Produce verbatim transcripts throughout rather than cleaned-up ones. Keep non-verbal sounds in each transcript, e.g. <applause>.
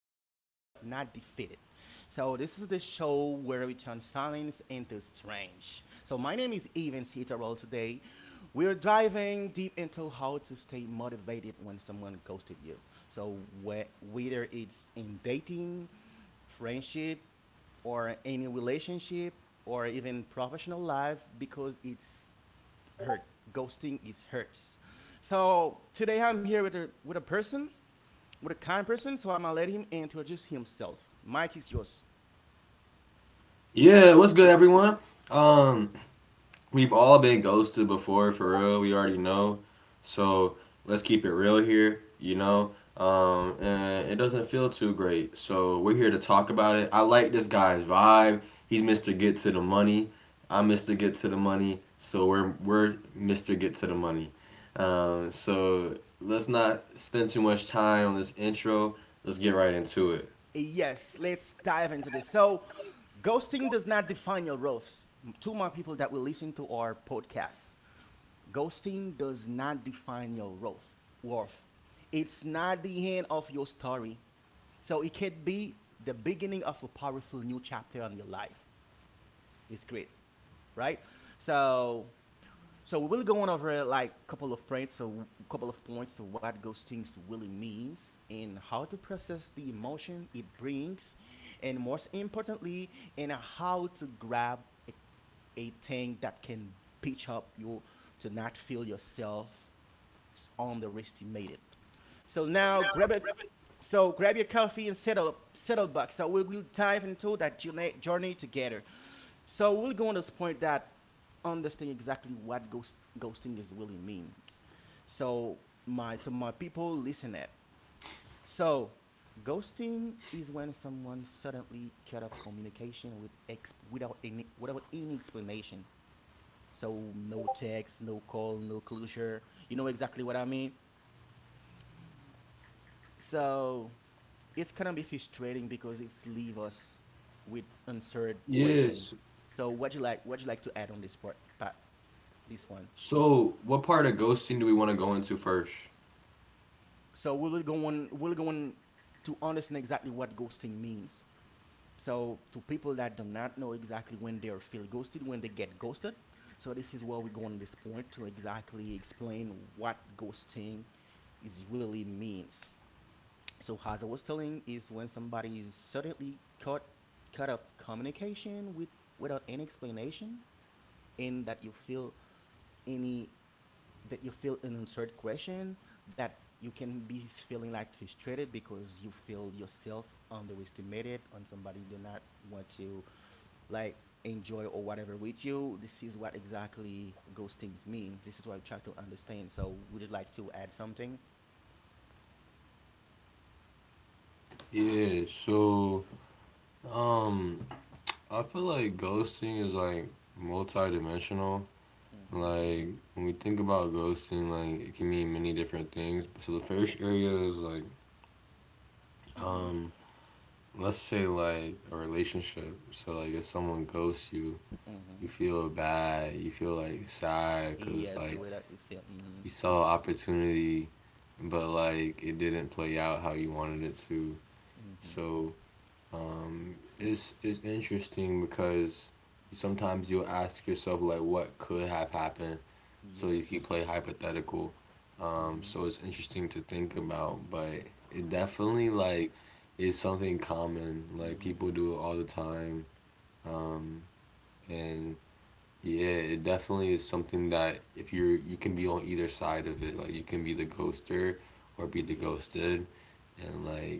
Ghosted But Not Defeated. So this is the show where we turn silence into strange. So my name is Evans Hitterall today. We're diving deep into how to stay motivated when someone ghosted you. So, whe- whether it's in dating, friendship, or any relationship, or even professional life, because it's hurt. Ghosting is hurts. So today I'm here with a with a person, with a kind person. So I'm gonna let him introduce himself. Mike is yours. Yeah, what's good, everyone? Um we've all been ghosted before, for real, we already know. So let's keep it real here, you know? Um and it doesn't feel too great. So we're here to talk about it. I like this guy's vibe. He's Mister Get to the Money. I'm Mister Get to the Money. So we're we're Mister Get to the Money. Um so let's not spend too much time on this intro. Let's get right into it. Eh, Yes, let's dive into this. So ghosting does not define your roles. To my people that will listen to our podcast, ghosting does not define your roles. Worth. It's not the end of your story. So it could be the beginning of a powerful new chapter on your life. It's great, right? So So we will go on over like a couple of points, so couple of points to what ghosting really means and how to process the emotion it brings, and most importantly, and how to grab a, a thing that can pitch up you to not feel yourself is underestimated. So now grab a so grab your coffee and settle settle back. So we will dive into that journey journey together. So we're going to point that understand exactly what ghost ghosting is really mean. So my to my people listen at. So ghosting is when someone suddenly cut off communication with ex- without any without any explanation. So no text, no call, no closure. You know exactly what I mean? So it's kind of be frustrating because it's leave us with answered question. Yes. So what you like? What you like to add on this part? Part this one? So, what part of ghosting do we want to go into first? So we will go on. We'll go on to understand exactly what ghosting means. So to people that do not know exactly when they are feel ghosted, when they get ghosted. So this is where we go on this point to exactly explain what ghosting is really means. So as I was telling, is when somebody is suddenly cut cut off communication with without any explanation, and that you feel any that you feel an answered question that you can be feeling like frustrated because you feel yourself underestimated on somebody do not want to like enjoy or whatever with you. This is what exactly ghostings mean. This is what I try to understand. So would you like to add something? Yeah, so um I feel like ghosting is like multidimensional. Mm-hmm. Like when we think about ghosting, like it can mean many different things. So the first area is like, Mm-hmm. um let's say like a relationship. So like if someone ghosts you, you Mm-hmm. feel bad, you feel like sad, cuz Yes, the like way that is feel. Mm-hmm. you saw opportunity but like it didn't play out how you wanted it to. Mm-hmm. So um, is is interesting because sometimes you'll ask yourself like what could have happened, so you can Yes. play hypothetical. Um, Mm-hmm. so it's interesting to think about, but it definitely like is something common. Like Mm-hmm. people do it all the time, um, and yeah, it definitely is something that if you're you can be on either side of it. Like you can be the ghoster or be the Yeah. ghosted, and like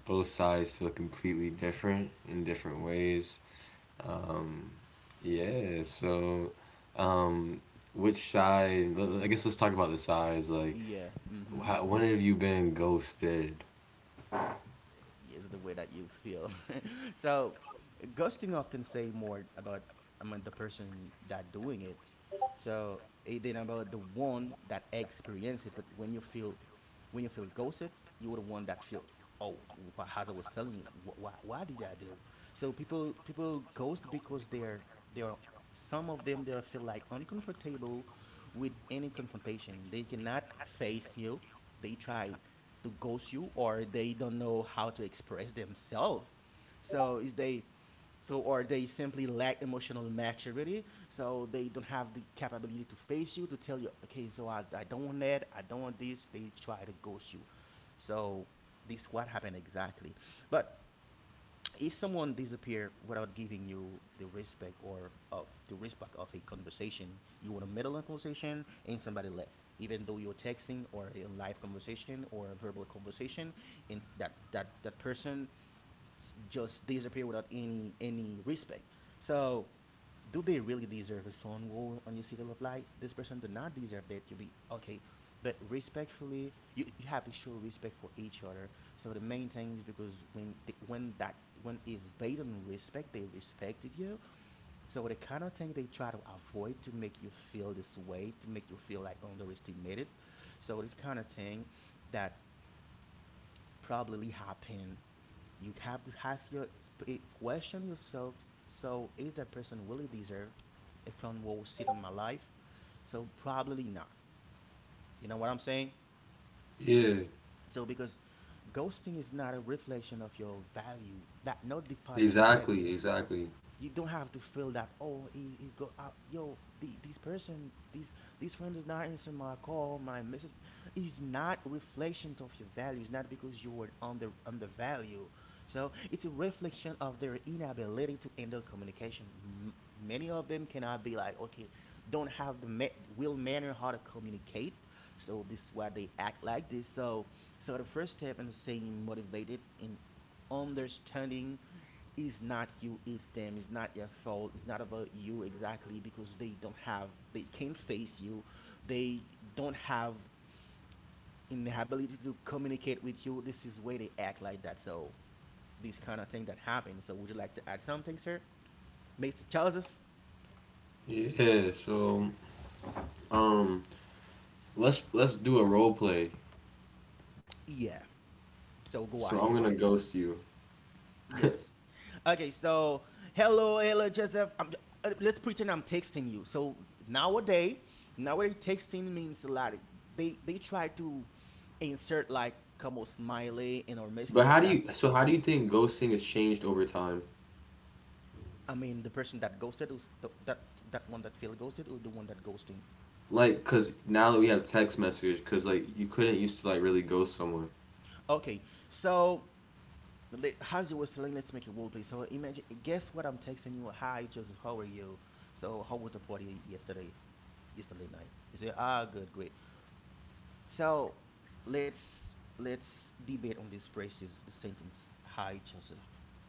both sides feel completely different in different ways. Um, yeah, so um, which side? I guess let's talk about the sides. Like, Yeah. Mm-hmm. how, when have you been ghosted? Yes, the way that you feel. <laughs> So ghosting often say more about I mean the person that doing it. So it ain't about the one that experience it, but when you feel when you feel ghosted, you're the one that feel. Oh, wh- as I was telling you, wh- why why did I do? So people people ghost because they're they're some of them they feel like uncomfortable with any confrontation. They cannot face you. They try to ghost you, or they don't know how to express themselves. So is they, so or they simply lack emotional maturity. So they don't have the capability to face you to tell you, okay, so I, I don't want that. I don't want this. They try to ghost you. So this what happened exactly, but if someone disappear without giving you the respect or of the respect of a conversation, you want to the middle a conversation and somebody left, even though you're texting or a live conversation or a verbal conversation, and that that that person s- just disappear without any any respect. So do they really deserve a phone war on your city of light? This person did not deserve that. You be okay, but respectfully, you, you have to show respect for each other. So the main thing is because when the, when that when is based on respect, they respected you. So the kind of thing they try to avoid to make you feel this way, to make you feel like underestimated. So this kind of thing that probably happen, you have to ask your question yourself. So is that person really deserve a front row seat in my life? So probably not. You know what I'm saying? Yeah, So because ghosting is not a reflection of your value, that not define your exactly, value. exactly. You don't have to feel that oh, he, he go out yo the, this person this this friend is not answering my call, my message. Is not reflection of your value. It's not because you were under undervalue. So it's a reflection of their inability to handle communication. M- many of them cannot be like okay, don't have the ma- will manner how to communicate. So this is why they act like this. So so the first step in staying motivated in understanding, it's not you, it's them, it's not your fault, it's not about you exactly because they don't have, they can't face you, they don't have inability to communicate with you. This is where they act like that. So this kind of thing that happens. So would you like to add something, sir? Mister Joseph? Yeah, so um, let's let's do a role play. Yeah. So go So ahead. I'm gonna ghost you. Yes. <laughs> Okay, so hello, hello, Joseph. I'm, uh, let's pretend I'm texting you. So nowadays, nowadays texting means a lot. They they try to insert like como smiley in our But how do message you? that get, So how do you think ghosting has changed over time? I mean the person that ghosted was the, that that one that feel ghosted or the one that ghosting. Like, cause now that we have text message, cause like you couldn't used to like really ghost someone. Okay, so le- as you were telling, let's make a role play. So imagine, guess what I'm texting you? Hi, Joseph. How are you? So how was the party yesterday? Yesterday night. You say, ah, good, great. So let's let's debate on this phrases sentence. Hi Joseph,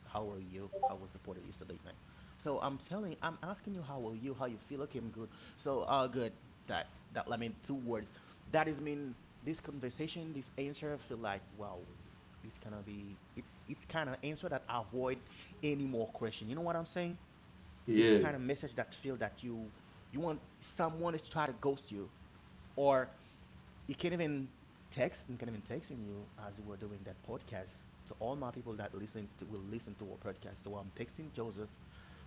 how are you? How was the party yesterday night? So I'm telling, I'm asking you how are you? How you feel? Okay, I'm good. So uh, good. That that I mean two words. That is mean this conversation, this answer. I feel like wow, it's gonna be it's it's kind of answer that avoid any more question. You know what I'm saying? This Yeah. kind of message that feel that you you want someone is try to ghost you, or you can't even text and can't even texting you as we're doing that podcast to all my people that listen to will listen to our podcast. So I'm texting Joseph,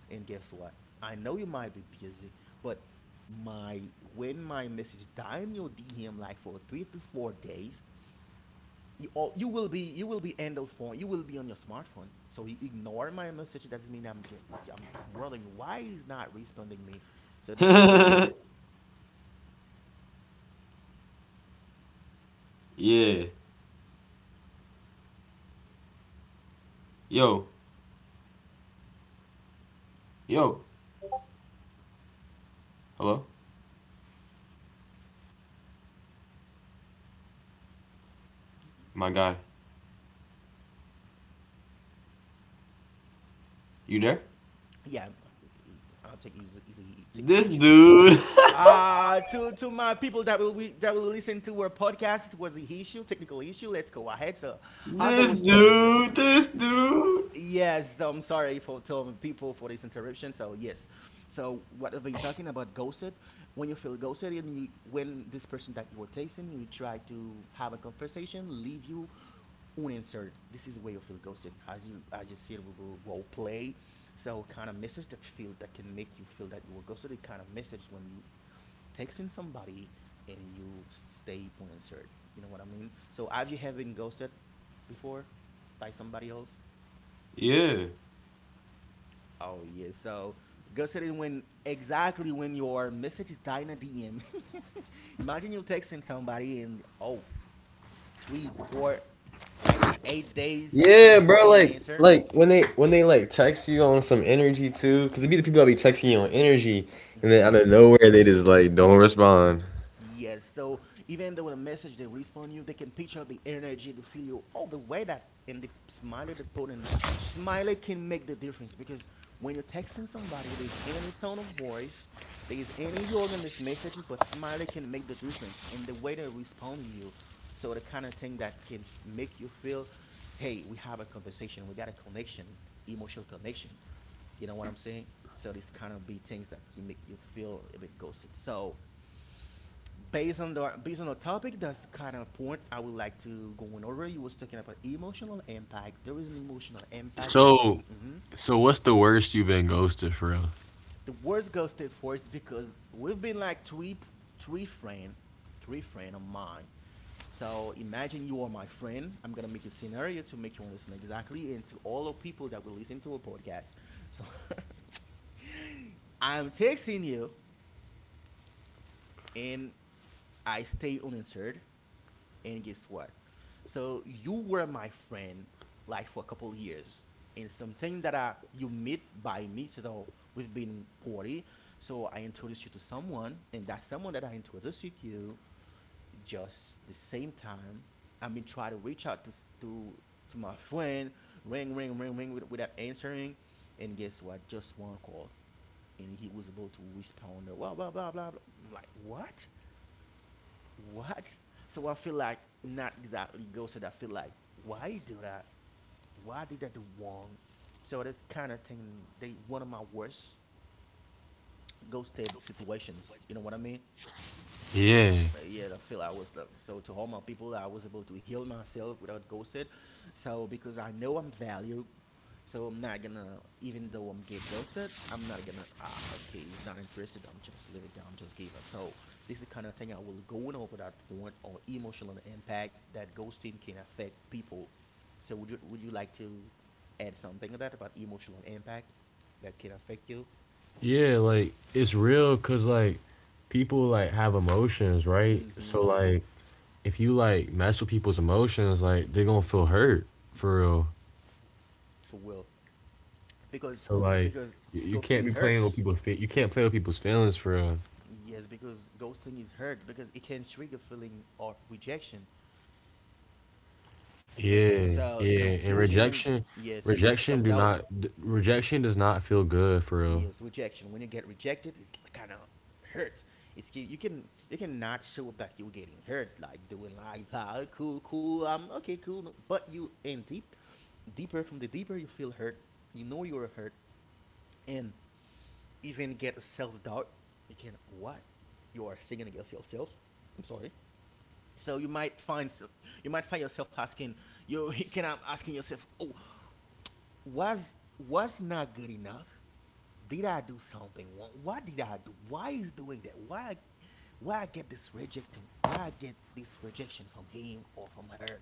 and guess what? I know you might be busy, but my when my message die in your D M like for three to four days, you, all, you will be you will be on the phone. You will be on your smartphone. So you ignore my message. It doesn't mean I'm get, I'm, I'm wondering why he's not responding me. So this is where I feel <laughs> that <laughs> yeah, this is where I'm responding when I'm feel ghosted. And guess what? So we can be friend. A Yeah. friend of mine texting you, hey, I know you you respond that friend. I feel Yo. he he he, he answer, he answer. Yo. Hello? My guy. Hello, are you? You there? Yeah, i he- I think he's he's a technical This issue. dude. Uh, to to my people that will we, that will listen to our podcast, it was an issue, technical issue. Let's go ahead. So <laughs> as I This was telling you, dude. This y- dude. yes, I'm sorry for telling people for this interruption. So yes, so what I've been talking about ghosted. When you feel ghosted, and you, when this person that you were tasting, you try to have a conversation, leave you unanswered. This is where you feel ghosted. As you as you said, we will role play. So kind of message that feel that can make you feel that you were ghosted. It kind of message when you texting somebody and you stay unanswered. You know what I mean? So have you have been ghosted before by somebody else? Yeah. Oh yeah. So ghosted is when exactly when your message is dying a D M. <laughs> Imagine you texting somebody and oh tweet for like eight days Yeah, and bro. any Like, answer. like when they when they like text you on some energy too, because it be the people Hmm. that be texting you on energy, and then out Hmm. of nowhere they just like don't respond. Yes, so even though the message they respond you, they can picture the energy to feel you all the way that, and the smiley they put in the smiley can make the difference because when you're texting somebody, there's any tone of voice, there's any organ in this message, but smiley can make the difference in the way they're responding you. So the kind of thing that can f- make you feel, hey, we have a conversation, we got a connection, emotional connection. You know what I'm saying? So these kind of be things that can make you feel a bit ghosted. So based on the based on the topic, that's kind of point I would like to go on over. You was talking about emotional impact. There is an emotional impact that So, mhm. so what's the worst you've been ghosted for real? The words goes state first because we've been like three p- three friend three friend of mine. So imagine you are my friend. I'm gonna make a scenario to make you understand exactly and to all the people that will listen to a podcast. So <laughs> I'm texting you and I stay unanswered. And guess what? So you were my friend like for a couple years, and something that I you meet by me, so we've been party. So I introduced you to someone, and that someone that I introduced you to, just the same time, I mean, try to reach out to s- to to my friend, ring, ring, ring, ring with, without answering, and guess what? Just one call, and he was able to respond. Blah blah blah blah. Blah. I'm like, what? What? So I feel like not exactly ghosted. I feel like why you do that? Why did I do wrong? So that's kind of thing. They one of my worst ghosted situations. You know what I mean? Yeah. But yeah, I feel I was um, so to all my people, I was able to heal myself without ghosted. So because I know I'm valued, so I'm not gonna, even though I'm get ghosted, I'm not gonna. Ah, okay, he's not interested. I'm just leave it down, just give up. So this is the kind of thing I will going over that point on emotional impact that ghosting can affect people. So would you would you like to add something of that about emotional impact that can affect you? Yeah, like it's real because like people like have emotions, right? Mm-hmm. So like if you like mess with people's emotions, like they're gonna feel hurt for real. For will, because So like because y- you can't ghosting be playing with hurts. people's fe- you can't play with people's feelings for real. Yes, because ghosting is hurt because it can trigger feeling of rejection, okay, Yeah, so yeah, and confusion, rejection, yes, even rejection self do doubt, not d- rejection does not feel good for real. yes, rejection. When you get rejected, it's kind of hurts. It's ki- you can you cannot show that you're getting hurt, like doing like ah, cool, cool, um, okay, cool. No," but you and deep, deeper from the deeper you feel hurt, you know you're hurt, and even get self doubt. You can what? You are singing against yourself. I'm sorry. So you might find s- you might find yourself asking you <laughs> can I'm asking yourself, oh, was was not good enough, did I do something wrong, what did I do, why is doing that, why I, why I get this rejecting, why I get this rejection from him or from her,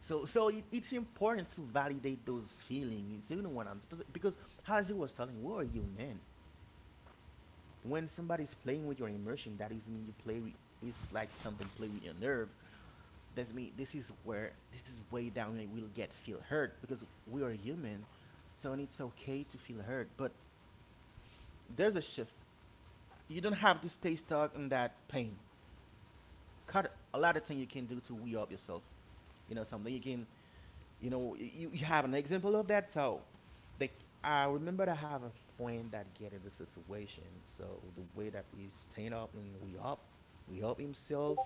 so so it, it's important to validate those feelings, you know what I'm, because as he was telling who are you man, when somebody's playing with your emotion that is mean you play with, it's like something play with your nerve, that's me. This is where this is way down. We will get feel hurt because we are human, so and it's okay to feel hurt. But there's a shift. You don't have to stay stuck in that pain. Cut a lot of things you can do to we up yourself. You know something you can. You know you, you have an example of that. So, they I remember I have a friend that get in the situation. So the way that he stand up and we up, we help himself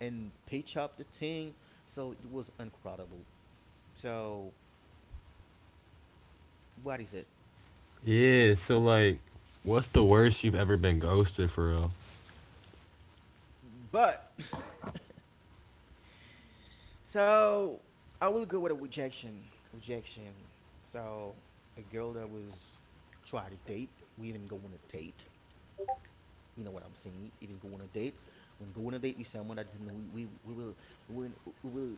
and pitch up the thing. So it was incredible. So what is it? Yeah, so like, what's the worst you've ever been ghosted for real? But <laughs> so I will go with a rejection. Rejection. So a girl that was try to date. We even go on a date. You know what I'm saying? Even go on a date. When go on a date with someone, that we, we we will we, we will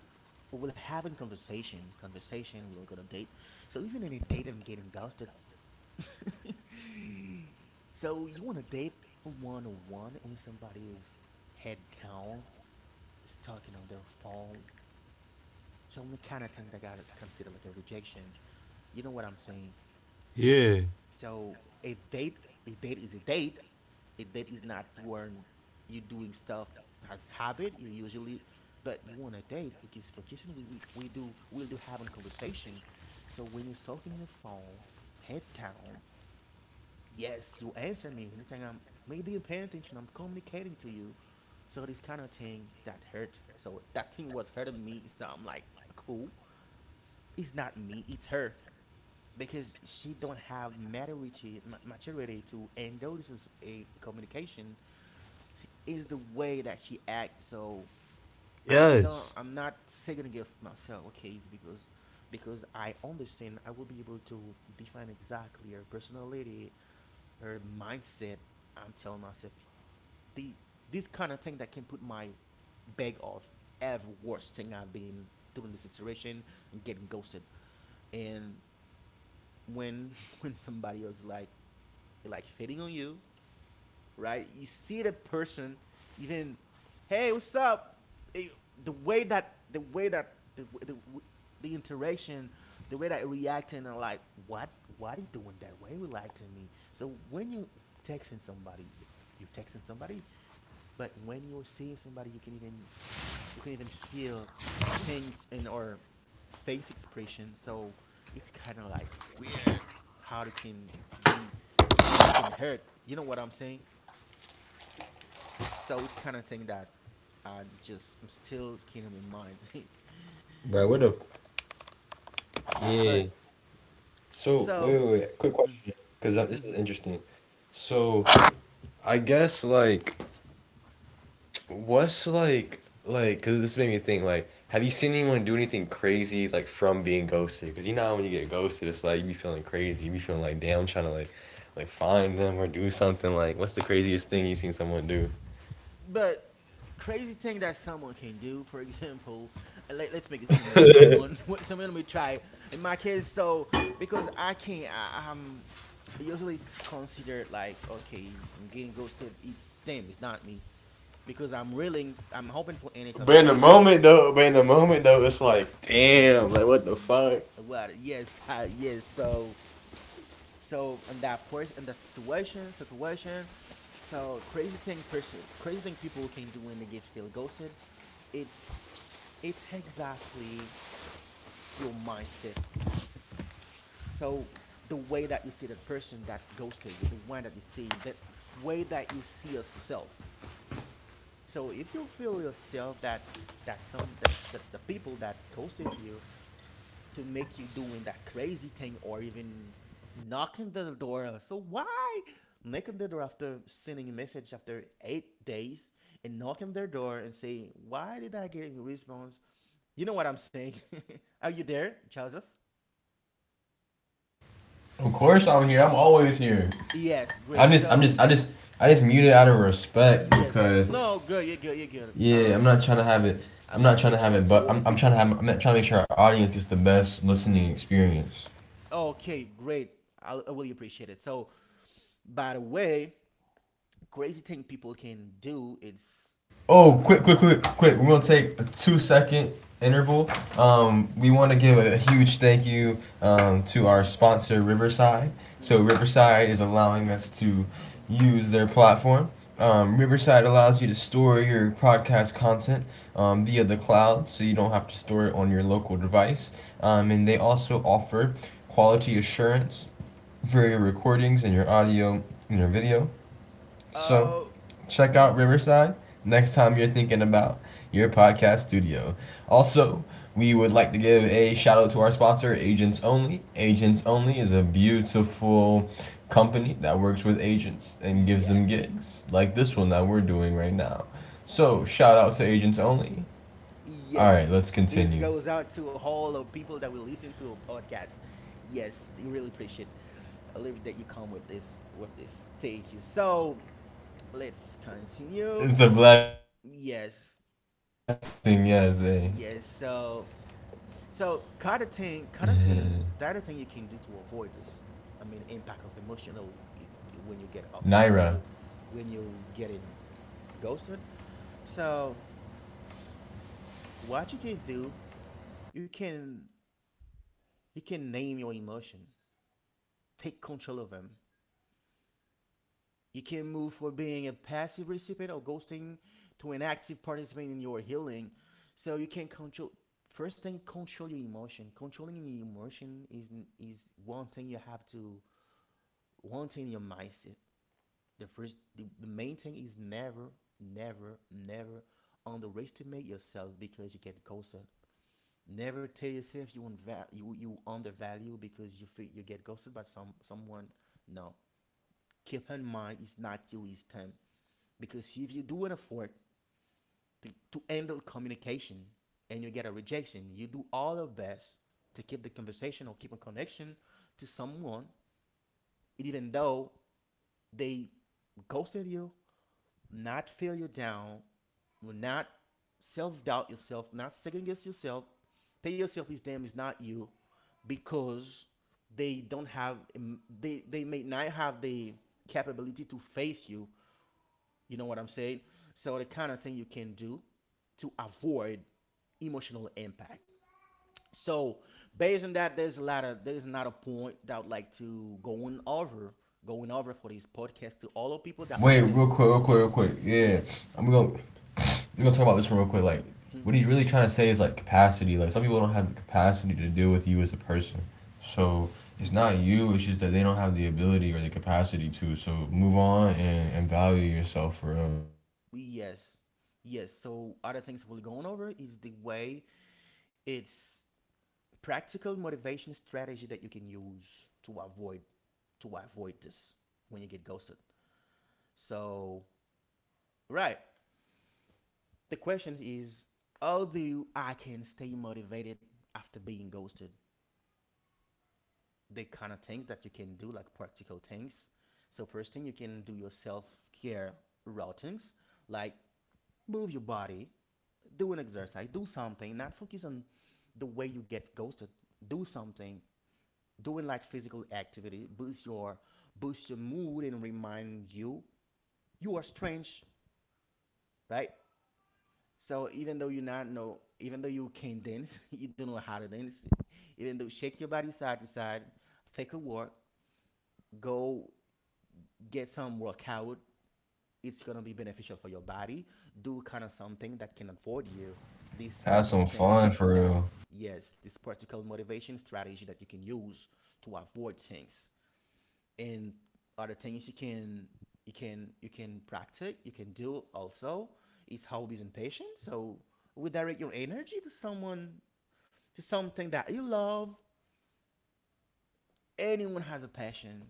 we will have a conversation. Conversation. We'll go on a date. So even in a date, I'm getting ghosted. <laughs> so you want to date one on one and somebody is head down talking on their phone. So I'm kind of think that got considered like a rejection. You know what I'm saying? Yeah. So a date, a date is a date. A date is not when you doing stuff as habit. You usually, but you want a date because for kissing we, we, we do we'll do having conversation. So when you're talking your phone, head down. Yes, you answer me. Anytime I'm maybe you're paying attention, I'm communicating to you. So this kind of thing that hurt. So that thing was hurting me. So I'm like, cool. It's not me, it's her because she don't have maturity maturity to and though this is a communication is the way that she acts. So I don't, Yes. I'm not second against myself, okay, it's because because I understand I will be able to define exactly her personality, her mindset. I'm telling myself the this kind of thing that can put my bag off every worst thing I've been through in the situation and getting ghosted, and when <laughs> when somebody else like like fitting on you, right? You see the person even, hey, what's up? Eh, the way that the way that the the, the interaction, the way that it reacting, and like, what, why he doing that? Why you reacting me? So when you texting somebody, you're texting somebody, but when you're seeing somebody, you can even you can even feel things in our face expression. So it's kind of like how it can be, how this can hurt. You know what I'm saying? So it's kind of thing that I just still can't remind. Bro, what the? <laughs> Yes, Yeah. but So wait, so, wait, wait. Quick mm, question, because this is mhm. interesting. So I guess like, what's like, like, because this made me think like, have you seen anyone do anything crazy like from being ghosted? Because you know how when you get ghosted, it's like you be feeling crazy, you be feeling like damn, trying to like, like find them or do something. Like, what's the craziest thing you've seen someone do? But crazy thing that someone can do. For example, uh, let, let's make a scenario. Someone, <laughs> someone we try. In my case, so because I can't, I, I'm usually considered like okay, I'm getting ghosted. It's them, it's not me. Because I'm really I'm hoping for any But in the conversation. moment though, but in the moment though, it's like Mm-hmm. damn, like what the Ye- fuck. well, yes, <laughs> uh, yes. So, so in that person, in that situation, situation. So crazy thing person, crazy thing people can do when they get feel ghosted. It's it's exactly your mindset. So the way that you see that person that ghosted you, the one that you see, that way that you see yourself. So if you feel yourself that that some that, that the people that ghosted you to make you doing that crazy thing or even knocking the door, so why knocking the door after sending a message after eight days and knocking their door and say, why did I get a response? You know what I'm saying? <laughs> Are you there, Joseph? Of course I'm here. I'm always here. Yes, great. I'm just I'm So just I just I just muted out of respect yes, because no, good. You're good. You're good. I yeah, I'm understand not trying to have exactly. it. I'd I'm like not to trying to make have sure it, to but order I'm, I'm trying people. to have. I'm trying to make sure our audience gets the best listening experience. Okay, great. I, I really appreciate it. So by the way, crazy thing people can do is. Oh, quick, quick, quick, quick. We're going to take a two second interval. Um, we want to give a huge thank you, um, to Mm-hmm. our sponsor, Riverside. Mm-hmm. So, Riverside is allowing us to use their platform. Um, Riverside allows you to store your podcast content, um, via the cloud, so you don't have to store it on your local device. Um, and they also offer quality assurance for your recordings and your audio and your video. Oh, So, check me, out Riverside next time you're thinking about your podcast studio. Also, we would like to give a shout out to our sponsor, Agents Only. Agents Only is a beautiful company that works with agents and gives yes. them gigs, like Me- this one that we're doing right now. eh, So, shout out to Agents Only. All yes. right, let's This continue. goes out to all of people that will listen to a podcast. Yes, we really appreciate a little bit that you come with this with this. Thank you. So let's continue. It's a blessing, yes. Eh? Yes. Yes. So so kind of thing, kind of thing, the other thing you can do to avoid this, I mean, impact of emotional when you get up, Naira, when you when you getting ghosted. So what you can do, you can you can name your emotion, take control of them. You can move from being a passive recipient of ghosting to an active participant in your healing. So you can control. First thing, control your emotion. Controlling your emotion is is one thing you have to one thing your mindset. The first, the, the main thing is never, never, never underestimate yourself because you get ghosted. Never tell yourself you unva- you you undervalue because you feel you get ghosted by some someone. No, keep in mind it's not you, it's them. Because if you do an effort to, to handle communication and you get a rejection, you do all your best to keep the conversation or keep a connection to someone, even though they ghosted you, not feel you down, will not self doubt yourself, not second guess yourself. Tell yourself this damn is not you because they don't have mm, they they may not have the capability to face you. You know what I'm saying? So the kind of thing you can do to avoid emotional impact. So based on that, there's a lot of there's another point that I'd like to going over going over for this podcast to all the people that wait, listen real to a quick, real quick, real podcast. quick. Yeah, Yes. I'm gonna we're gonna talk about this one real quick. Like, what he's Mm-hmm. really trying to say is like capacity. Like, some people don't have the capacity to deal with you as a person. So it's not Mm-hmm. you. It's just that they don't have the ability or the capacity to. So move on, and, and value yourself for real. Yes, yes. So other things we're going over is the way it's practical motivation strategy that you can use to avoid to avoid this when you get ghosted. So right, the question is, how do I can stay motivated after being ghosted? The kind of things that you can do, like practical things. So first thing you can do your self care routines, like move your body, do an exercise, do something, not focus on the way you get ghosted. Do something, doing like physical activity, boost your boost your mood and remind you you are strange, right? So even though you not know, even though you can dance, <laughs> you don't know how to dance. Even though shake your body side to side, take a walk, go get some workout, it's gonna be beneficial for your body. Do kind of something that can afford you these kind of Have some things. fun for real. That's, yes, this practical motivation strategy that you can use to avoid things, and other things you can you can you can practice, you can do also, is hobbies and passion. So we direct your energy to someone to something that you love. Anyone has a passion,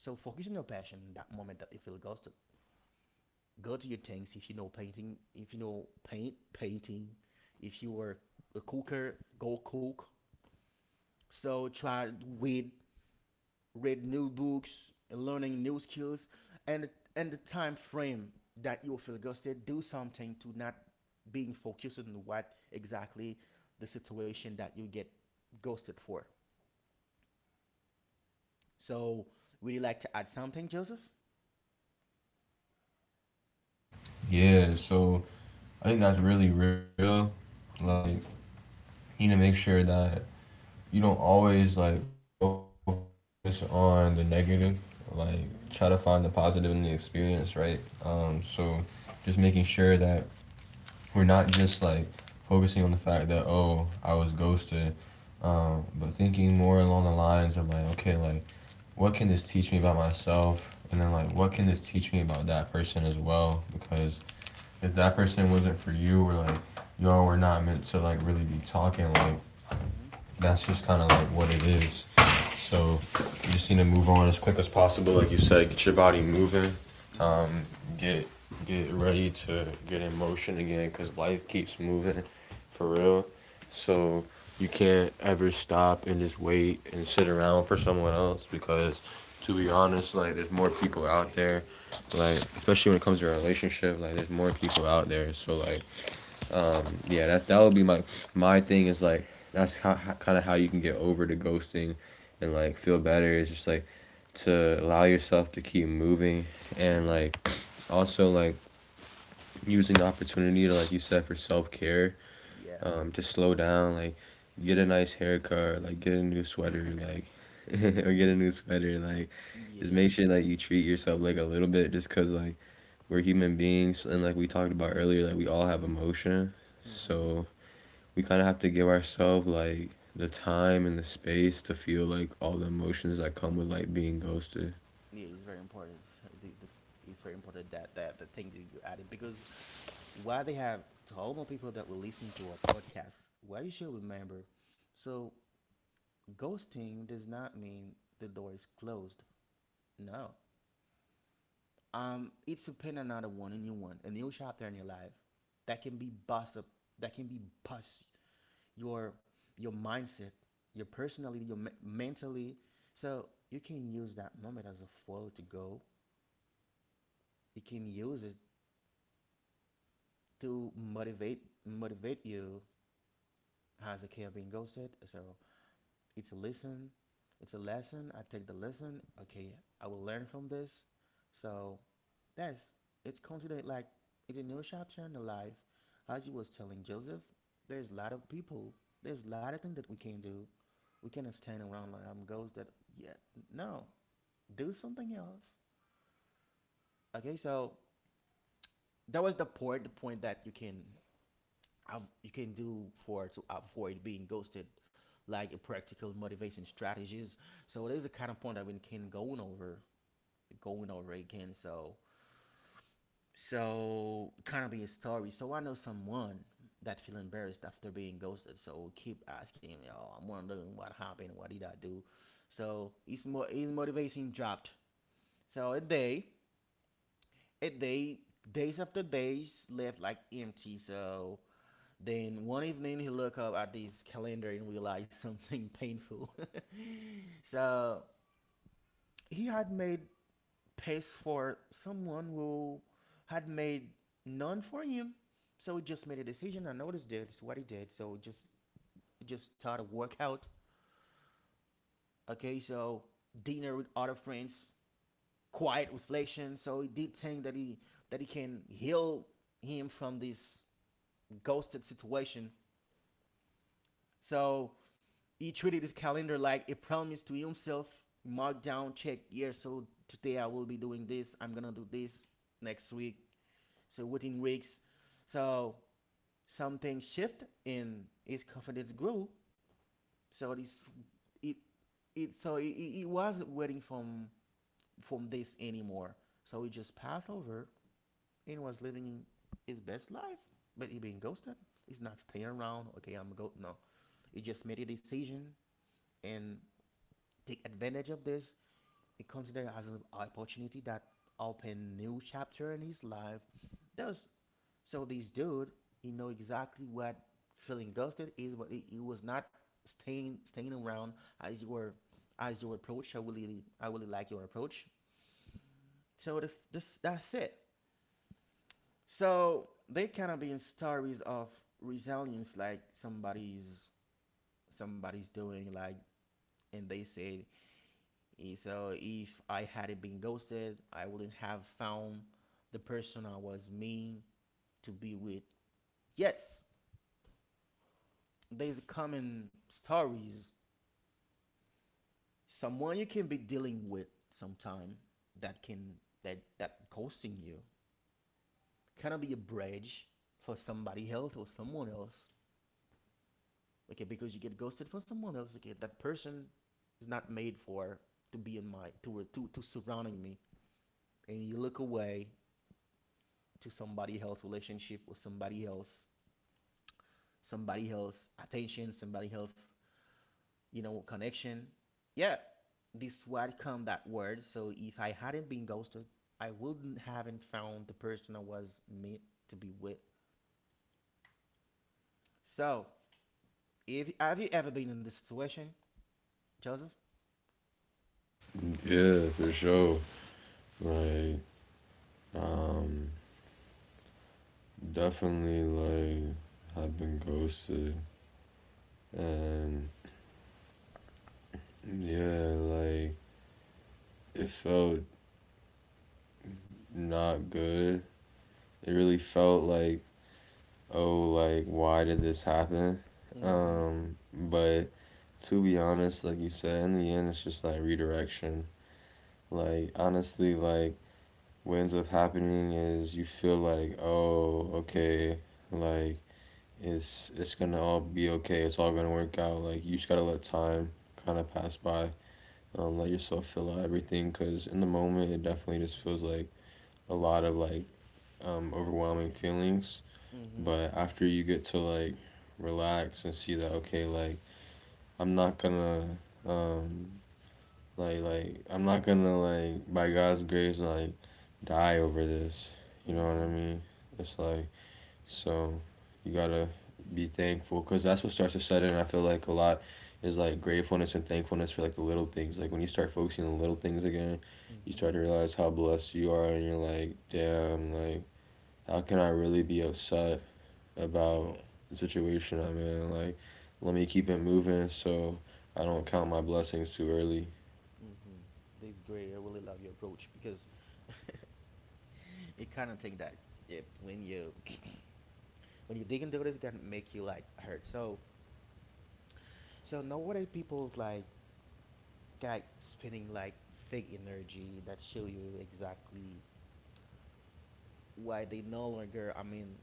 so focus on your passion. That moment that you feel, goes to go to your tanks. If you know painting, if you know paint painting, if you are a cooker, go cook. So try to read new books and learning new skills, and and the time frame that you feel gusted, do something to not being focused on what exactly the situation that you get ghosted for. So would you like to add something, Joseph? Yeah. So I think that's really real. Like, Mm-hmm. you need to make sure that you don't always like focus on the negative, like try to find the Mm-hmm. positive in the experience, right um so just making sure that we're not just like focusing on the fact that, oh, I was ghosted um but thinking more along the lines of like, okay, like what can this teach me about myself, and then Mm-hmm. like what can this teach me about that person as well? Because Mm-hmm. if that person wasn't for you, or like y'all were not meant to like really be talking, like Mm-hmm. that's just kind of like what it is. So you just need to move on as quick as possible, like you said. Get your body moving. Mm-hmm. Um, get get ready to get in motion again, cause life keeps moving, Mm-hmm. for real. So you can't ever stop and just wait and sit around for someone else because, to be honest, like there's more people out there, like especially when it comes to a relationship, like there's more people out there. So like, um, yeah, that that would be my my thing is like that's how, how kind of how you can get over the ghosting, and like feel better is just like to allow yourself to keep moving, Mm-hmm. and like also like using the opportunity to, like you said, for self care, Yeah. um, to slow down, like get a nice haircut, like get a new <laughs> sweater, like <laughs> or get a new sweater, like Yeah. just make sure like you treat yourself like a little bit, just cause like we're human beings, and like we talked about earlier, like we all have emotion, Mhm. so we kind of have to give ourselves like the time and the space to feel like all the emotions that come with like being ghosted. Yeah, it's very important. The, the, it's very important, that, that the thing that you added, because why they have, to all my people that will listen to our podcast, why you should remember. So ghosting does not mean the door is closed. No. Um, it's a pen another one in new one, a new chapter in your life that can be bust up that can be bust you up as a kid being ghosted. So it's a lesson. It's a lesson. I take the lesson. Okay, I will learn from this. So that's it's considered like it's a new chapter in the life. As he was telling Joseph, there's a lot of people. There's a lot of things that we can do. We cannot stand around like I'm ghost that, yeah, no. Do something else. Okay, so that was the point the point that you can i you can do for to avoid being ghosted, like practical motivation strategies. So there's a kind of point I've been kind of going over, going over again. So so kind of be a story. So I know someone that feel embarrassed after being ghosted. So keep asking, you know, I'm wondering what happened, what did I do? So his mo- his motivation dropped. So a day, a day, days after days left like empty. So then one evening he looked up at his calendar and realized something painful. <laughs> So he had made pace for someone who had made none for him. So he just made a decision. I noticed that it's what he did. So just just started workout. Okay, so dinner with other friends, quiet reflection. So he did think that he that he can heal him from this ghosted situation. So he treated his calendar like a promise to himself. Mark down, check, yeah, so today I will be doing this, I'm gonna do this next week. So within weeks. So something shift and his confidence grew. So this it it so he, he wasn't waiting from from this anymore. So he just passed over and was living his best life. But he being ghosted. He's not staying around. Okay, I'm go no. He just made a decision and take advantage of this. He considered it as an opportunity that opened new chapter in his life. Those so this dude, he know exactly what feeling ghosted is, but he, he was not staying staying around, as you were as your approach. I really I really like your approach. So the, this that's it. So they kind of being stories of resilience, like somebody's somebody's doing, like, and they say, and so if I hadn't been ghosted, I wouldn't have found the person I was meant to be with. Yes, there's common stories. Someone you can be dealing with sometime that can that that ghosting you, cannot be a bridge for somebody else or someone else. Okay, because you get ghosted from someone else. Okay, that person is not made for to be in my, to to to surrounding me, and you look away to somebody else relationship, or somebody else somebody else attention, somebody else, you know, connection. Yeah, this word come that word. So if I hadn't been ghosted, I wouldn't haven't found the person I was meant to be with. So if have you ever been in this situation, Joseph? Yeah, for sure. Like, um, definitely like I have been ghosted, and yeah, like it felt not good. It really felt like, oh, like why did this happen? Mm-hmm. Um, but to be honest, like you said, in the end, it's just like redirection. Like honestly, like what ends up happening is you feel like, oh, okay, like it's it's gonna all be okay. It's all gonna work out. Like you just gotta let time kind of pass by. Um, let yourself fill out everything because in the moment it definitely just feels like a lot of like, um, overwhelming feelings. Mm-hmm. But after you get to like relax and see that okay, like I'm not gonna um, like like I'm not gonna like by God's grace like die over this. You know what I Mm-hmm. mean? It's like so you gotta be thankful because that's what starts to set in. I feel like a lot is like gratefulness and thankfulness for like the little things. Like when you start focusing on the little things again, you Mm-hmm. start to realize how blessed you are, and you're like, damn, like how can I really be upset about Yeah. the situation I'm in? Like let me keep it moving so I don't count my blessings too early. Mm-hmm. That's great. I really love your approach, because <laughs> you kind of think that it, when you <clears throat> when you dig into it, it's gonna make you like hurt. So So nowadays people like got spinning like fake energy that show you exactly why they no longer, I mean,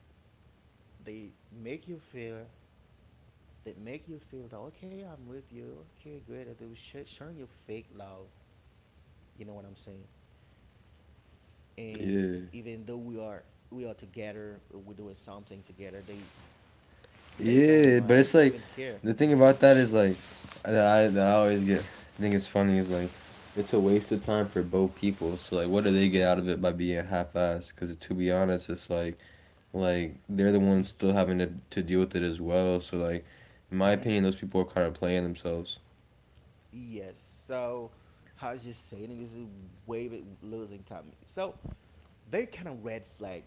they make you feel they make you feel that okay, I'm with you, okay great, they were sh- showing you fake love, you know what I'm saying? And Yeah. even though we are we are together, we're doing something together, they they don't Yeah, mind, but they it's don't even like care. the thing Mm-hmm. about that is like that I, that I always get I think it's funny is like it's a waste of time for both people. So like, what do they get out of it by being half-assed? Because to be honest, it's like like they're the Mm-hmm, ones still having to to deal with it as well. So like, in my mm-hmm. opinion, those people are kind of playing themselves. Yes. So as you saying, this is way bit losing time. So they're kind of red flag,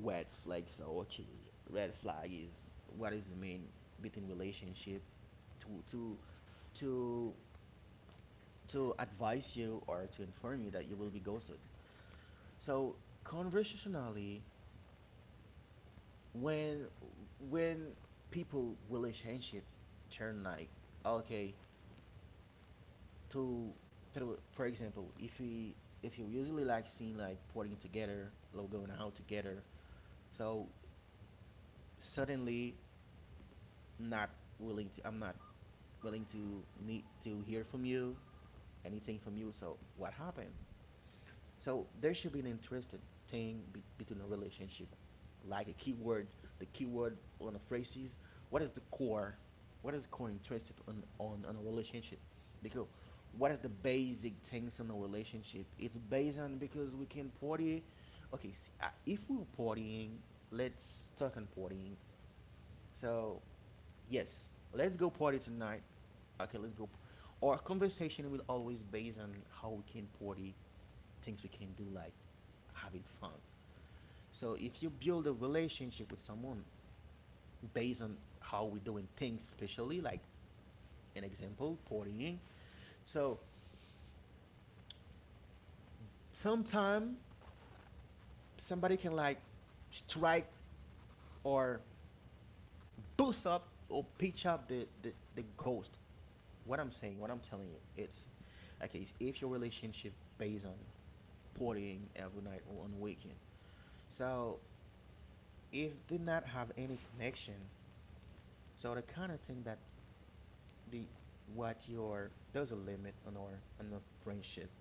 red flag. So actually, red flag is what is the mean between relationship, to to to to advise you or to inform you that you will be ghosted. So conversationally, when when people relationship turn like okay, to, to for example, if we if you usually like seeing, like putting together, like going out together, so suddenly not willing to I'm not willing to need to hear from you anything from you. So what happened? So there should be an interesting thing be- between a relationship, like a keyword. The keyword on a phrase is, what is the core, what is core interest on, on on a relationship? Because what is the basic things on a relationship? It's based on, because we can party. Okay, s uh, if we're partying, let's talk on partying. So yes, let's go party tonight. Okay, let's go. Our conversation will always base on how we can party, things we can do, like having fun. So if you build a relationship with someone based on how we're doing things, especially like an example, partying. So sometime somebody can like strike, or boost up, or pitch up the, the, the, ghost. What I'm saying, what I'm telling you, it's okay. If your relationship based on partying every night or on weekend, so if did not have any connection. So the kind of thing that the what your there's a limit on our on the friendship.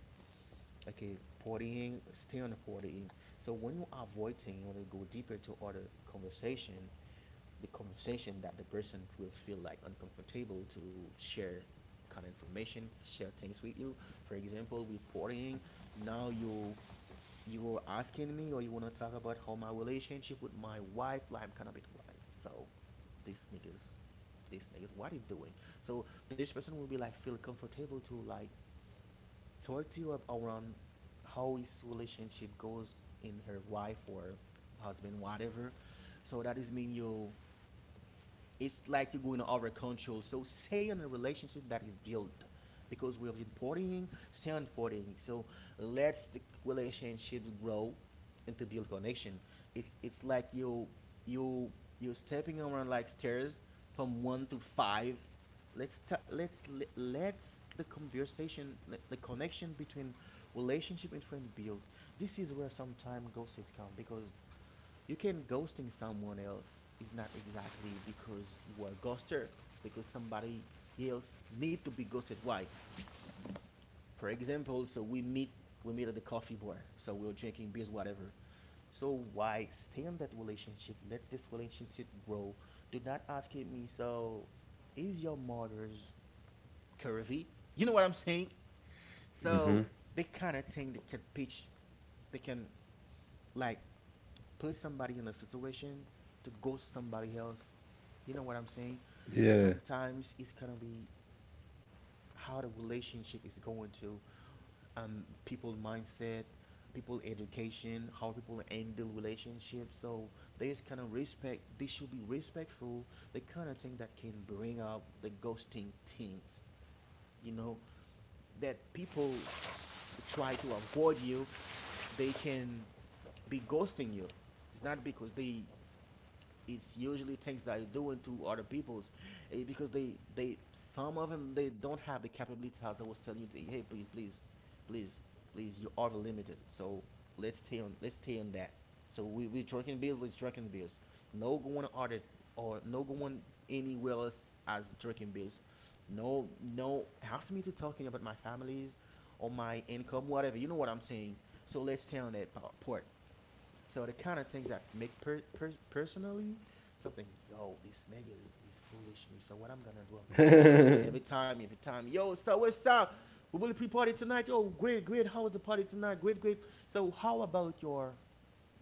Okay, partying, stay on the partying. So when you avoid things, you want to go deeper to other conversation, the conversation that the person will feel like uncomfortable to share kind of information, share things with you. For example, with partying, now you you were asking me, or you wanna talk about how my relationship with my wife? Like, I'm kind of bit right. So, these niggas, these niggas, what are you doing? So this person will be like, feel comfortable to like talk to you ab- around how his relationship goes in her wife or husband, whatever. So that is mean you, it's like you're going to over control. So stay in a relationship that is built, because we are been partying, stay on partying. So let's the relationship grow and to build connection. It, it's like you you you're stepping around like stairs from one to five. Let's ta- let's le- let's the conversation le- the connection between relationship and friend build. This is where some time gossips come, because you can ghosting someone else is not exactly because you are a ghoster, because somebody else need to be ghosted. Why? For example, so we meet we meet at the coffee bar, so we're drinking beers, whatever. So why, stay in that relationship, let this relationship grow. Do not ask me, so is your mother's curvy, you know what I'm saying? Mm-hmm. So they kind of thing that can pitch, they can like put somebody in a situation to ghost somebody else. You know what I'm saying? Yeah. Sometimes it's gonna be how the relationship is going to, um people mindset, people education, how people handle relationships. So there's kind of respect. They should be respectful. The kind of thing that can bring up the ghosting things. You know that people try to avoid you, they can be ghosting you. It's not because they it's usually things that you're doing to other people's, eh, because they they some of them, they don't have the capability. As I was telling you to, hey, please, please, please, please, you are limited. So let's stay on let's stay on that. So we we drinking beers, let's drinking beers, no going other, or no going anywhere else, as drinking beers. No, no, ask me to talking about my families or my income, whatever, you know what I'm saying? So let's stay on that po- part. So the kind of things that make per, per, personally something. Yo, this nigga is, is foolish me. So what I'm gonna do, I'm gonna okay. Every time, every time, yo, so what's up? We will pre party tonight. Yo, great, great. How was the party tonight? Great, great. So how about your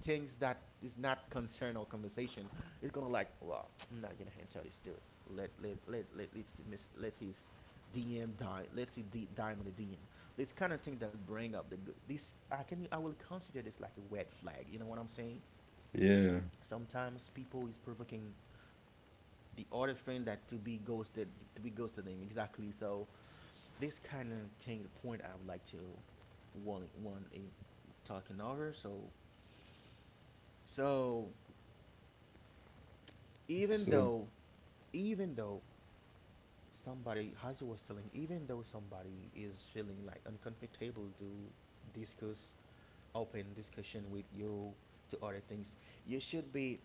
things that is not concern or conversation is gonna like, well, I'm not gonna answer this dude. Let let let let let's miss, let his D M die. Let's see D, dime in the D M. This kind of thing that bring up the good. This I can I will consider this like a red flag. You know what I'm saying? Yeah. Sometimes people is provoking the other friend that to be ghosted, to be ghosted them exactly. So this kind of thing, the point I would like to one one eh, talking over. So so even So though even though somebody, as I was telling, even though somebody is feeling like uncomfortable to discuss, open discussion with you, to other things, you should be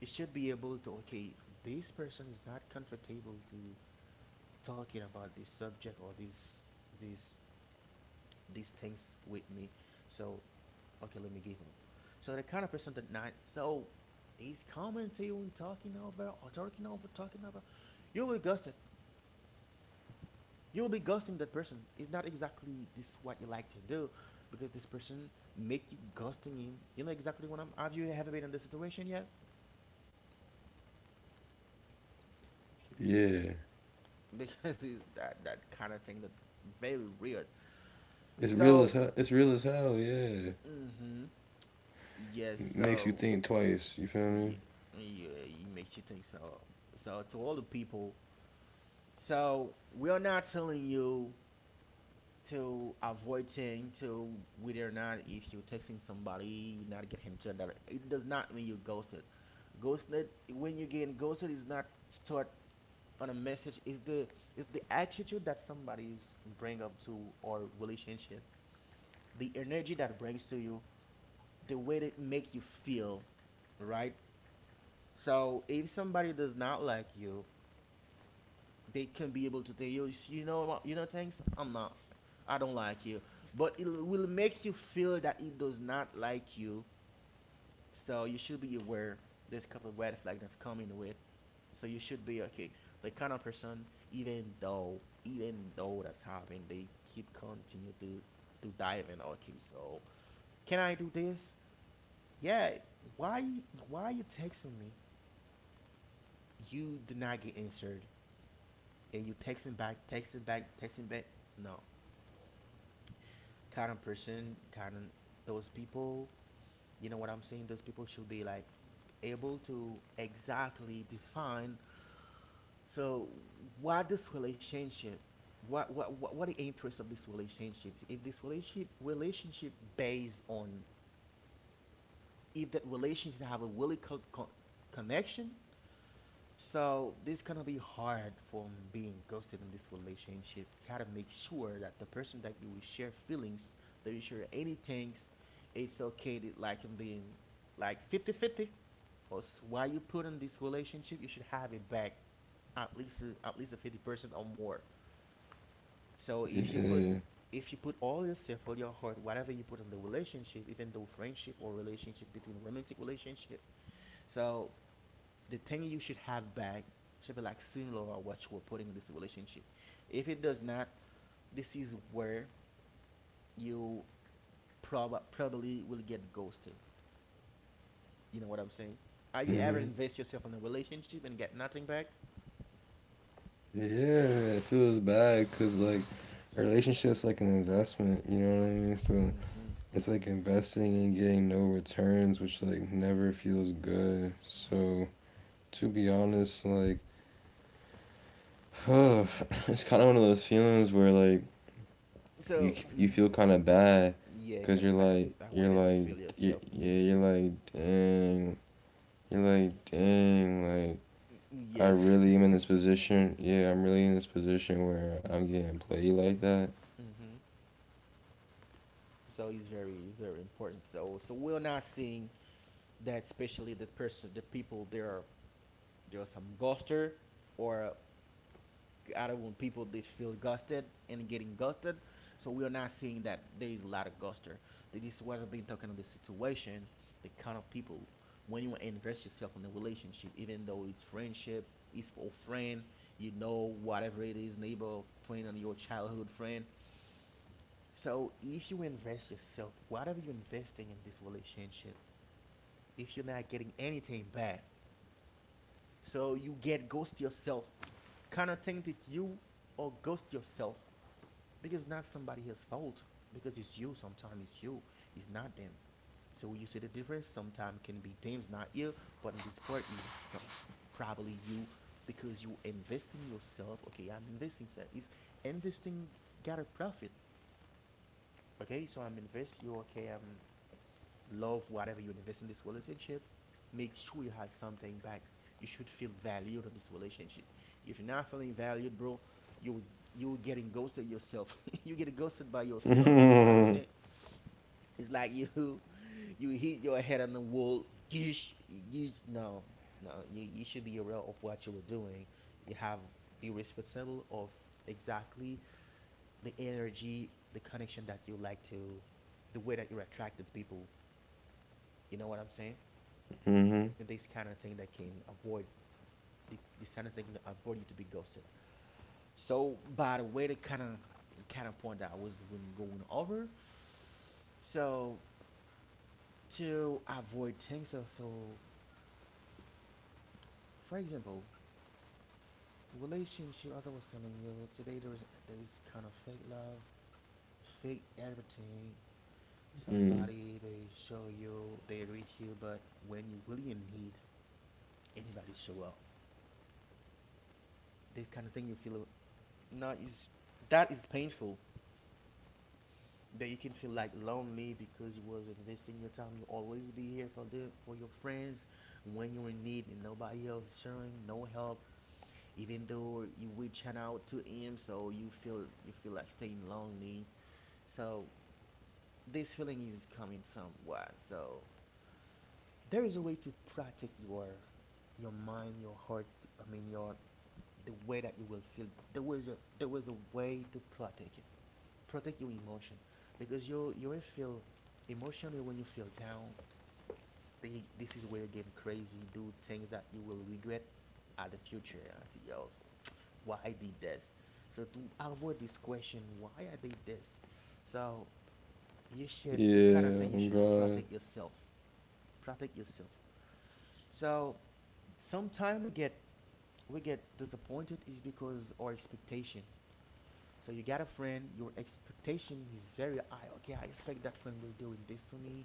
you should be able to okay, this person is not comfortable to talking about this subject, or these these these things with me. So okay, let me give up. So the kind of person that not, so he's coming to you and talking over or talking over talking over, you will ghost it, you will be ghosting that person. It's not exactly this what you like to do, because this person make you ghosting him. You know exactly what I'm. Have you ever been in this situation yet? yeah, <laughs> Because it's that that kind of thing that very weird. it's real as So hell. It's real as hell. Yeah. mm-hmm yes. It Makes you So think twice. You feel me? yeah, yeah, it makes you think. So, so to all the people, so we are not telling you to avoiding to, whether or not if you're texting somebody, you're not getting chat, that it does not mean you ghosted. Ghosted, when you get ghosted, is not start on a message, is the is the attitude that somebody's bring up to our relationship, the energy that brings to you, the way that make you feel, right? So if somebody does not like you, they can be able to tell you, you know what, you know, things. I'm not, I don't like you. But it will make you feel that it does not like you. So you should be aware there's a couple of red flag that's coming with. So you should be okay. The kind of person, even though, even though that's happened, they keep continue to to dive in. Okay, so can I do this? Yeah. Why why you texting me? You do not get answered, and you texting back, texting back, texting back. No, kind of person, kind of, those people, you know what I'm saying? Those people should be like able to exactly define so what this relationship, what what what, what the interest of this relationship, if this relationship relationship based on, if that relationship have a really co- co- connection. So this gonna be hard from being ghosted in this relationship. You gotta make sure that the person that you will share feelings, that you share any things, it's okay to like him being like fifty-fifty. Or why you put in this relationship, you should have it back at least a- at least a fifty percent or more. So if you put, Yeah. if you put all yourself, all your heart, whatever you put in the relationship, even though friendship or relationship, between romantic relationship, so the thing you should have back should be like similar or what you were putting in this relationship. If it does not, this is where you prob- probably will get ghosted. You know what I'm saying? Have you ever Mm-hmm. invest yourself in a relationship and get nothing back? Yeah, it feels bad because like a relationships like an investment. You know what I mean? So Hmm. it's like investing and getting no returns, which like never feels good. So to be honest, like <sighs> it's kind of one of those feelings where like you So, you hmm feel kind of bad yeah, because kind you're of bad like that way you're that you like feel you, yourself. yeah, Hmm. you're like dang you're like dang like I Yes. really am in this position. Yeah, I'm really in this position where I'm getting played like that. <laughs> Hmm. So it's very, very important. So, so we're not seeing that, especially the person, the people. There are there are some ghoster, or I don't want people that feel gusted and getting gusted. So we are not seeing that there is a lot of guster. This is what I've been talking on the situation, the kind of people, when you invest yourself in a relationship, even though it's friendship, it's for a friend, you know, whatever it is, neighbor, friend, and your childhood friend. So if you invest yourself, whatever you're investing in this relationship, if you're not getting anything back, so you get ghost yourself, kind of thing that you, or ghost yourself, because it's not somebody else's fault, because it's you, sometimes it's you, it's not them. So you see the difference, sometimes can be them's not you, but in this part is, so- probably you, because you investing yourself. Okay, I'm investing, so is investing, got a profit. Okay, so I'm invest you, okay, I'm love whatever you invest in this relationship, make sure you have something back. You should feel valued in this relationship. If you're not feeling valued, bro, you you're getting ghosted yourself. <laughs> You get ghosted by <laughs> yourself. You know what I'm Mm-hmm. saying? It's like you <laughs> you hit your head on the wall. Yeesh, yeesh. No, no, you, you should be aware of what you were doing. You have be responsible of exactly the energy, the connection that you like to, the way that you're attracting people. You know what I'm saying? Mm. This kind of thing that can avoid the- this kind of thing can avoid you to be ghosted. So, by the way, the kind of kind of point that I was when going over. So to avoid things, so, so for example, relationship. As I was telling you today, there is there is kind of fake love, fake everything. Somebody they show you, they read you, but when you really in need, anybody show up. This kind of thing you feel, no, is that is painful, that you can feel like lonely, because you was investing your time. You always be here for them, for your friends, when you're in need and nobody else is showing no help. Even though you reaching out to him, so you feel you feel like staying lonely. So this feeling is coming from what? So there is a way to protect your your mind, your heart. I mean your, the way that you will feel. There was a there was a way to protect it, protect your emotion, because you you will feel emotionally. When you feel down, thi- this is where you're crazy, do things that you will regret at the future. I see. Yo, so why I did this? So to avoid this question, why I did this? So you should, the kind of Yeah. thing you Oh should, to God. protect yourself. Protect yourself. So sometimes we get we get disappointed is because our expectation. So you got a friend, your expectation is very high. Okay, I expect that friend will do this for me.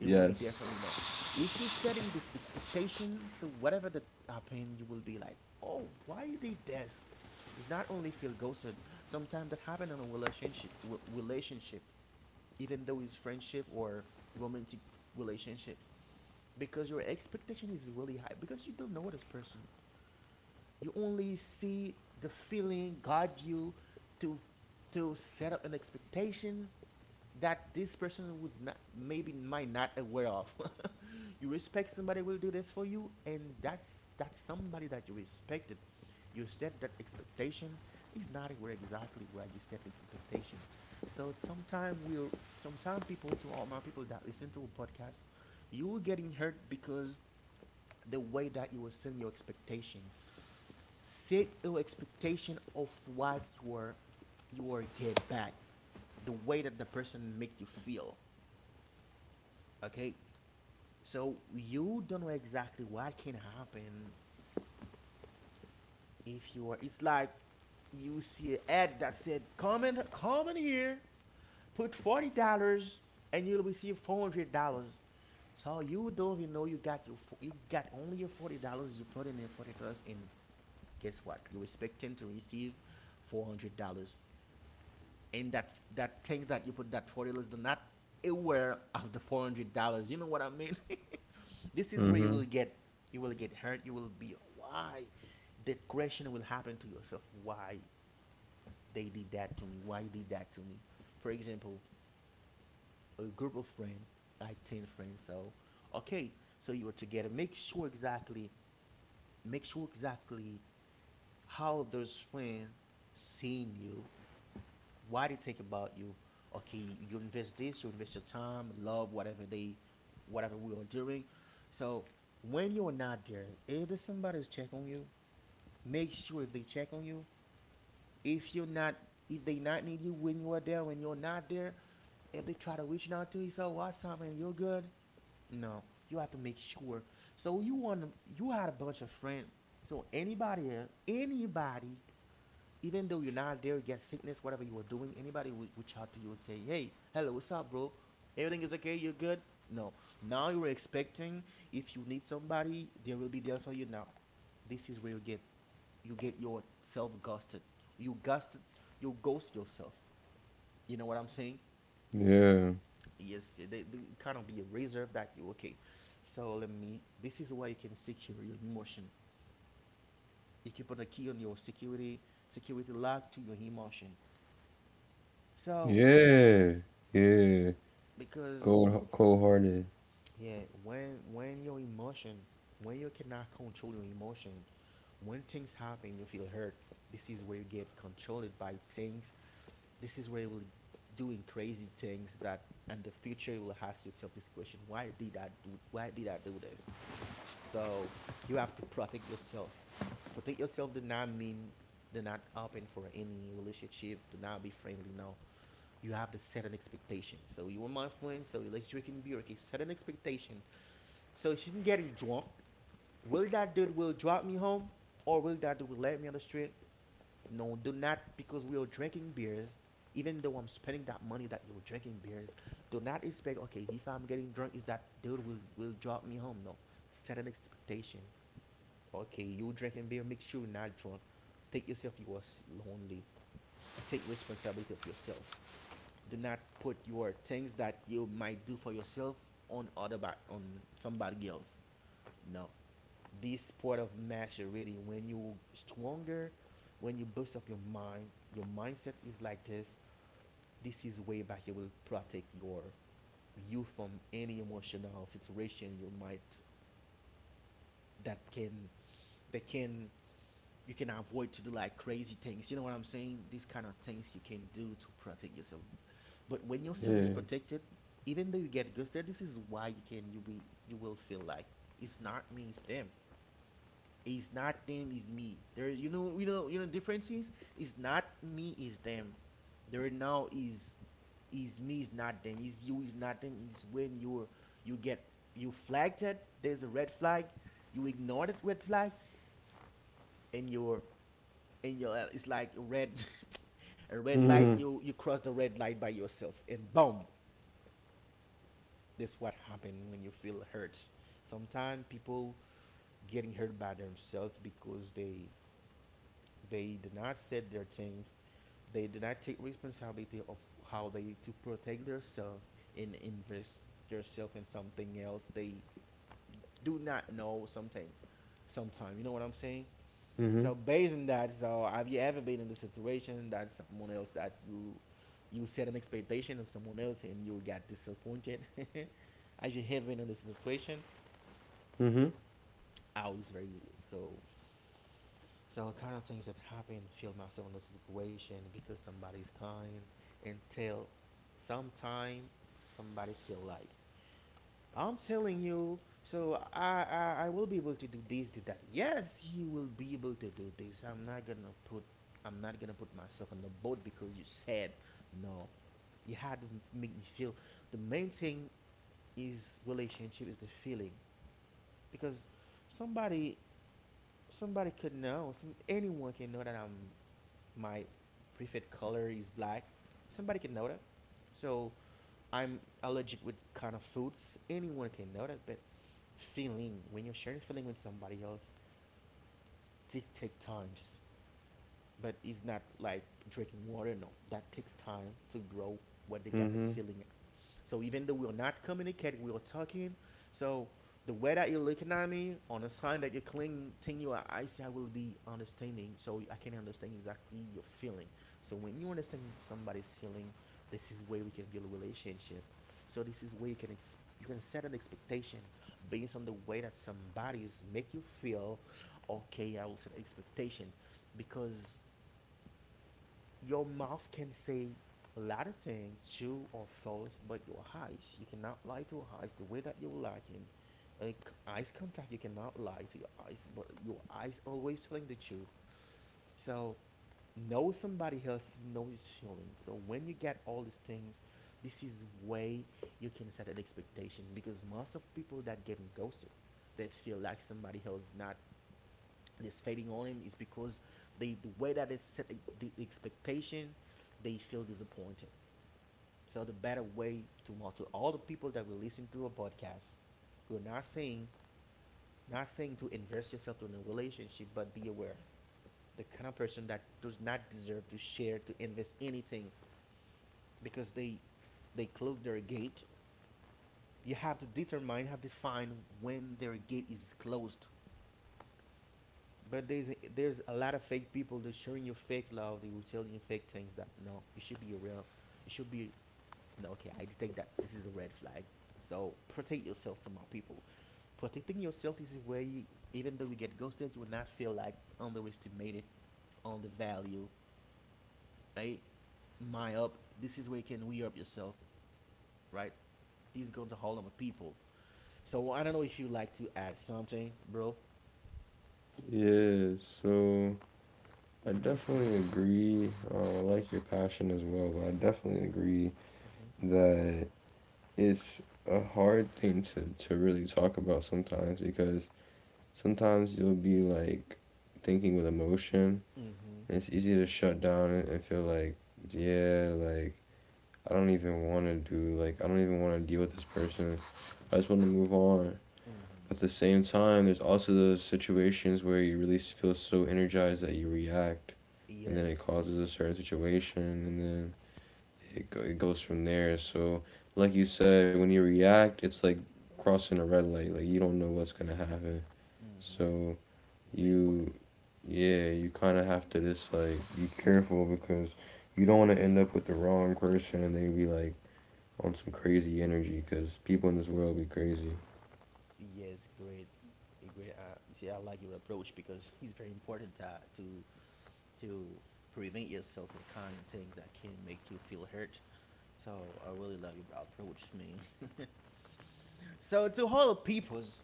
It will be Yes. there for me. No, if you're setting this expectation, so whatever that happen, you will be like, oh, why you did this? It's not only feel ghosted. Sometimes that happen in a relationship, relationship, even though it's friendship or romantic relationship, because your expectation is really high because you don't know this person. You only see the feeling guide you to to set up an expectation that this person was not, maybe might not aware of. <laughs> You respect somebody will do this for you, and that's that's somebody that you respected. You set that expectation, is not where exactly where you set the expectation. So sometimes we're sometimes people, to all my people that listen to a podcast, you were getting hurt because the way that you were setting your expectation, set your expectation of what you are you are get back, the way that the person make you feel. Okay, so you don't know exactly what can happen. If you are, it's like you see an ad that said, come in, come in here, put forty dollars and you'll receive four hundred dollars. So you don't even know, you got your fo- you got only your forty dollars. You put in your forty dollars and guess what, you're expecting to receive four hundred dollars, and that that things that you put, that forty dollars, do not aware of the four hundred dollars. You know what I mean? <laughs> This is where you Mm-hmm. will get, you will get hurt. You will be, why that question will happen to yourself? Why they did that to me? Why you did that to me? For example, a group of friends, like ten friends. So okay, so you are together. Make sure exactly make sure exactly how those friends seeing you, why they think about you. Okay, you invest this, you invest your time, love, whatever they, whatever we are doing. So when you're not there, if there's somebody's check on you, make sure if they check on you, if you're not, if they not need you when you are there, when you're not there, if they try to reach out to you, so what's up, man? You're good. No, you have to make sure. So you want to, you had a bunch of friends. So anybody, anybody even though you're not there, you get sickness, whatever you were doing, anybody would reach out to you and say, hey, hello, what's up, bro? Everything is okay? You're good? No. Now you're expecting if you need somebody, they will be there for you now. This is where you get you get yourself ghosted. You ghosted you ghost yourself. You know what I'm saying? Yeah. Yes, they, they kind of be reserved that you okay. So let me. This is why you can secure your emotion. You can put a key on your security security lock to your emotion. So Yeah. Yeah. because Cold, cold hearted. yeah, when when your emotion, when you cannot control your emotion, when things happen, you feel hurt. This is where you get controlled by things. This is where you will doing crazy things that in the future you will ask yourself this question: why did I do? Why did I do this? So you have to protect yourself. Protect yourself does not mean do not open for any relationship. Do not be friendly. No, you have to set an expectation. So you are my friend, so relationship can be okay. Set an expectation so she's getting drunk. Will that dude will drop me home, or will that dude will let me on the street? No, do not because we are drinking beers. Even though I'm spending that money that you were drinking beers, do not expect. Okay, if I'm getting drunk, is that dude will will drop me home? No, set an expectation. Okay, you drinking beer, make sure you're not drunk. Take yourself. You are lonely. Take responsibility of yourself. Do not put your things that you might do for yourself on other back on somebody else. No. This sport of match already when you stronger, when you boost up your mind, your mindset is like this. This is way back it will protect your you from any emotional situation you might that can that can you can avoid to do like crazy things. You know what I'm saying? These kind of things you can do to protect yourself. But when yourself is Yeah. protected, even though you get ghosted, this is why you can you be you will feel like it's not me, it's them. It's not them, it's me. There, you know, you know, you know, difference is it's not me, it's them. There now is is me, is not them. Is you, is not them. Is when you're you get you flagged it. There's a red flag. You ignore that red flag, and you're and your, uh, it's like a red <laughs> a red Mhm. light. You you cross the red light by yourself, and boom, that's what happened when you feel hurt. Sometimes people getting hurt by themselves because they They do not set their things. They do not take responsibility of how they to protect themselves and invest yourself in something else. They do not know something. Sometimes you know what I'm saying. Mhm. So based on that, so have you ever been in the situation that someone else that you you set an expectation of someone else and you got disappointed? <laughs> As you have been in this situation, Mhm. I was very so So kind of things that happen, feel myself in the situation because somebody's kind until sometime somebody feel like I'm telling you, so I, I I will be able to do this, do that. Yes, you will be able to do this. I'm not gonna put I'm not gonna put myself on the boat because you said no. You had to make me feel. The main thing is relationship is the feeling because somebody somebody could know some anyone can know that I'm my preferred color is black, somebody can know that. So I'm allergic with kind of foods. Anyone can know that, but feeling when you're sharing feeling with somebody else, it take times. But it's not like drinking water. No, that takes time to grow when they got this Mhm. feeling so even though we're not communicating, we're talking. So the way that you're looking at me on a sign that you're clinting your eyes, I will be understanding. So I can understand exactly your feeling. So when you understand somebody's feeling, this is where we can build a relationship. So this is where you can ex- you can set an expectation based on the way that somebody's make you feel. Okay, I will set expectation because your mouth can say a lot of things, true or false, but your eyes, you cannot lie to your eyes the way that you're lacking. Uh, Eyes contact, you cannot lie to your eyes, but your eyes always telling the truth. So know somebody else knows his feelings. So when you get all these things, this is way you can set an expectation because most of people that get ghosted, they feel like somebody else not this fading on him is because they the way that they set the- expectation, they feel disappointed. So the better way to to all the people that will listen to a podcast, we're not saying not saying to invest yourself in a relationship, but be aware the kind of person that does not deserve to share to invest anything because they they close their gate. You have to determine, have to find when their gate is closed. But there's a, there's a lot of fake people that's showing you fake love. They will tell you fake things that no, it should be a real. It should be no. Okay, I detect that this is a red flag. So protect yourself to my people. Protecting yourself is where way. Even though you get ghosted, you will not feel like underestimated on the value. Right, my up. This is where you can re up yourself. Right, these going to hold on with people. So I don't know if you like to add something, bro. Yeah. So I definitely agree. Um, I like your passion as well, but I definitely agree Mm-hmm. that it's a hard thing to to really talk about sometimes because sometimes you'll be like thinking with emotion, Mm-hmm. and it's easy to shut down and feel like, yeah, like i don't even want to do like I don't even want to deal with this person. I just want to move on. Mm-hmm. But at the same time there's also those situations where you really feel so energized that you react, and then it Yes. causes a certain situation, and then it, go, it goes from there. So like you said, when you react it's like crossing a red light, like you don't know what's going to happen. Mm-hmm. So It's very important. you yeah, you kind of have to just like be careful, because you don't want to end up with the wrong person and they be like on some crazy energy, because people in this world be crazy. Yes, great, eh, great. Uh, you see, I like your approach because <laughs> it's very important that to to prevent yourself from kind of things that can make you feel hurt. So I really love your approach, man. <laughs> So to all the peoples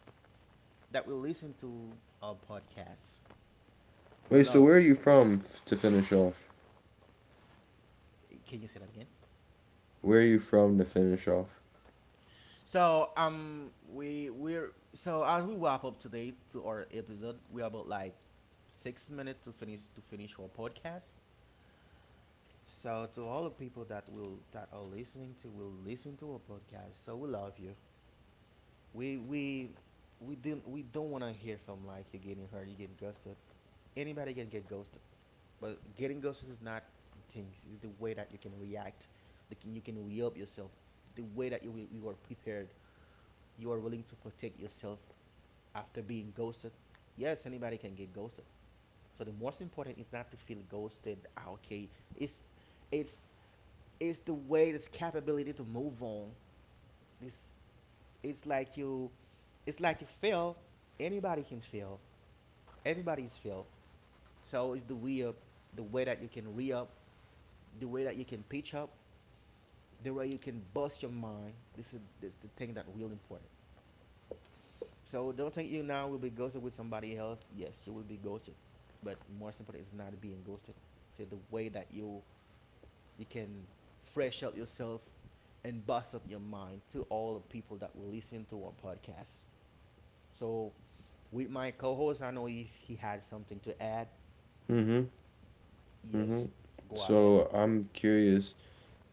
that will listen to our podcast, we Wait, so love where are you. you from f- to finish off? Can you say that again? Where are you from to finish off? So um, we we're so as we wrap up today to our episode, we're about like six minutes to finish to finish our podcast. So to all the people that will that are listening to will listen to our podcast. So we love you. We we we didn't we don't want to hear from like you're getting hurt, you're getting ghosted. Anybody can get ghosted, but getting ghosted is not the things. It's the way that you can react. The can, you can re up yourself. The way that you you are prepared. You are willing to protect yourself after being ghosted. Yes, anybody can get ghosted. So the most important is not to feel ghosted. Ah, okay, it's it's it's the way this capability to move on. This it's like you it's like you fail. Anybody can fail. Everybody's fail. So it's the way up, the way that you can re up, the way that you can pitch up, the way you can bust your mind. This is this the thing that real important. So don't think you now will be ghosted with somebody else. Yes, you will be ghosted, but more important is not being ghosted. Say the way that you you can fresh up yourself and bust up your mind to all the people that will listen to our podcast. So, with my co host, I know if he had something to add, Mm hmm. Mm hmm. yes, go ahead. So I'm curious,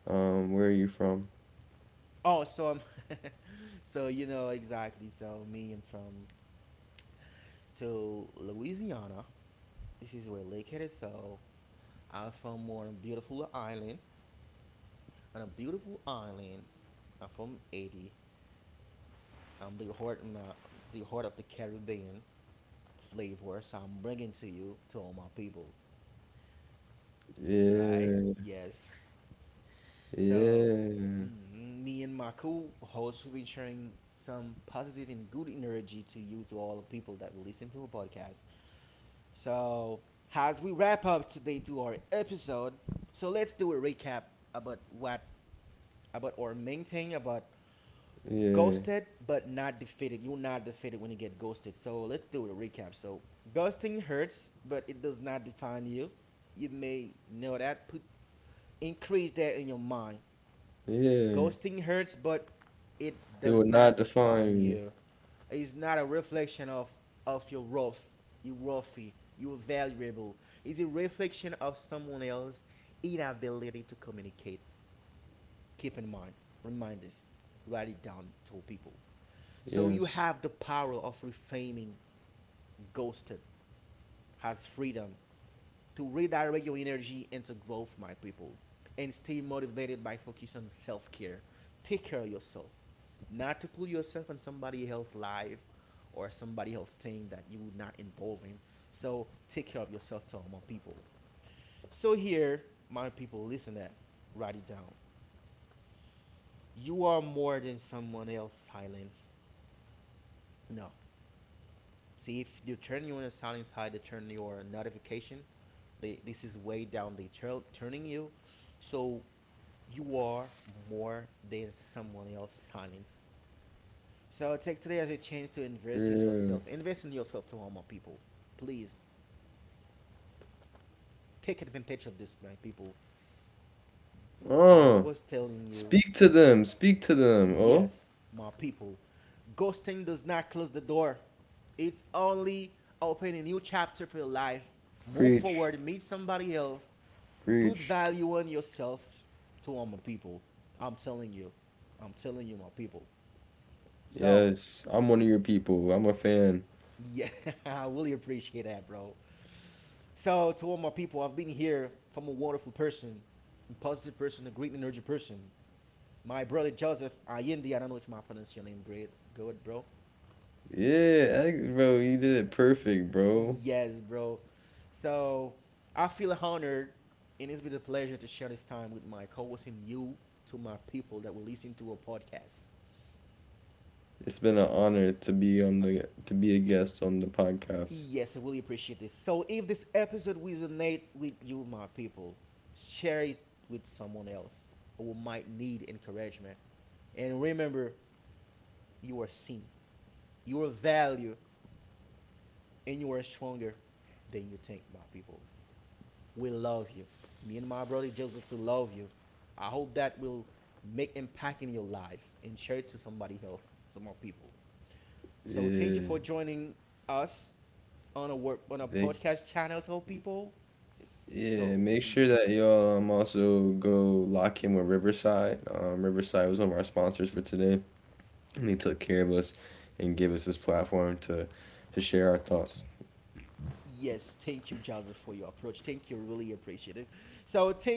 um, where are you from? Oh, so, I'm <laughs> so you know exactly. So, me, I'm from to Louisiana. This is where Lake headed. So, I'm from more on a beautiful island. On a beautiful island, I'm from Haiti. I'm the heart, of my, the heart of the Caribbean. Flavors I'm bringing to you, to all my people, right? Yeah. Yes. <laughs> So, Yeah. mm, me and my cool host will be sharing some positive and good energy to you, to all the people that will listen to our podcast. So, as we wrap up today to our episode, so let's do a recap about what about our main thing about Yeah. ghosted but not defeated. You're not defeated when you get ghosted. So let's do a recap. So ghosting hurts, but it does not define you. You may know that. Put increase that in your mind. Yeah. Ghosting hurts, but it It does would not not define define me. you. It's not a reflection of of your worth. You're worthy. You're valuable. It's a reflection of someone else's inability to communicate. Keep in mind. Remind us. Write it down. Tell people. So you Yes. have the power of reframing ghosted has freedom to redirect your energy into growth, my people, and stay motivated by focusing on self care. Take care of yourself, not to put yourself in somebody else's life or somebody else's thing that you're not involved in. So take care of yourself, to all my people. So here, my people, listen that. Write it down. You are more than someone else's silence. No, see if you turn you on a silent side to turn your notification. They, this is way down. They turn turning you, so you are more than someone else silence. So take today as a chance to invest in Yeah. yourself. Invest in yourself to all my people. Please take advantage of this, my people. As I Oh. was telling you, Speak to them. Speak to them. Oh, yes, my people, ghosting does not close the door. It's only open a new chapter for your life. Move preach, forward, meet somebody else. Put preach. value on yourself to all my people. I'm telling you. I'm telling you, my people. So, Yes. I'm one of your people. I'm a fan. yeah, <laughs> I really appreciate that, bro. So, to all my people, I've been here from a wonderful person, a positive person, a great energy person. My brother Joseph Allende, I don't know if I pronounce your name great. Good, bro. Yeah, I, bro, you did it perfect, bro. Yes, bro. So, I feel honored, and it's been a pleasure to share this time with my co host and you to my people that will listen to a podcast. It's been an honor to be on the to be a guest on the podcast. Yes, I really appreciate this. So, if this episode resonate with you, my people, share it with someone else who might need encouragement. And remember, you are seen, you are valued, and you are stronger than you think, my people. We love you. Me and my brother Joseph, we love you. I hope that will make impact in your life and share it to somebody else, to more people. So, thank you Yeah, for joining us on a work on a thank you. podcast channel, to people. So. Yeah, make sure that y'all, um, also go lock in with Riverside. Um, Riverside was one of our sponsors for today, and they took care of us and gave us this platform to to share our thoughts. Yes, thank you, Joseph, for your approach. Thank you, really appreciate it. So, thank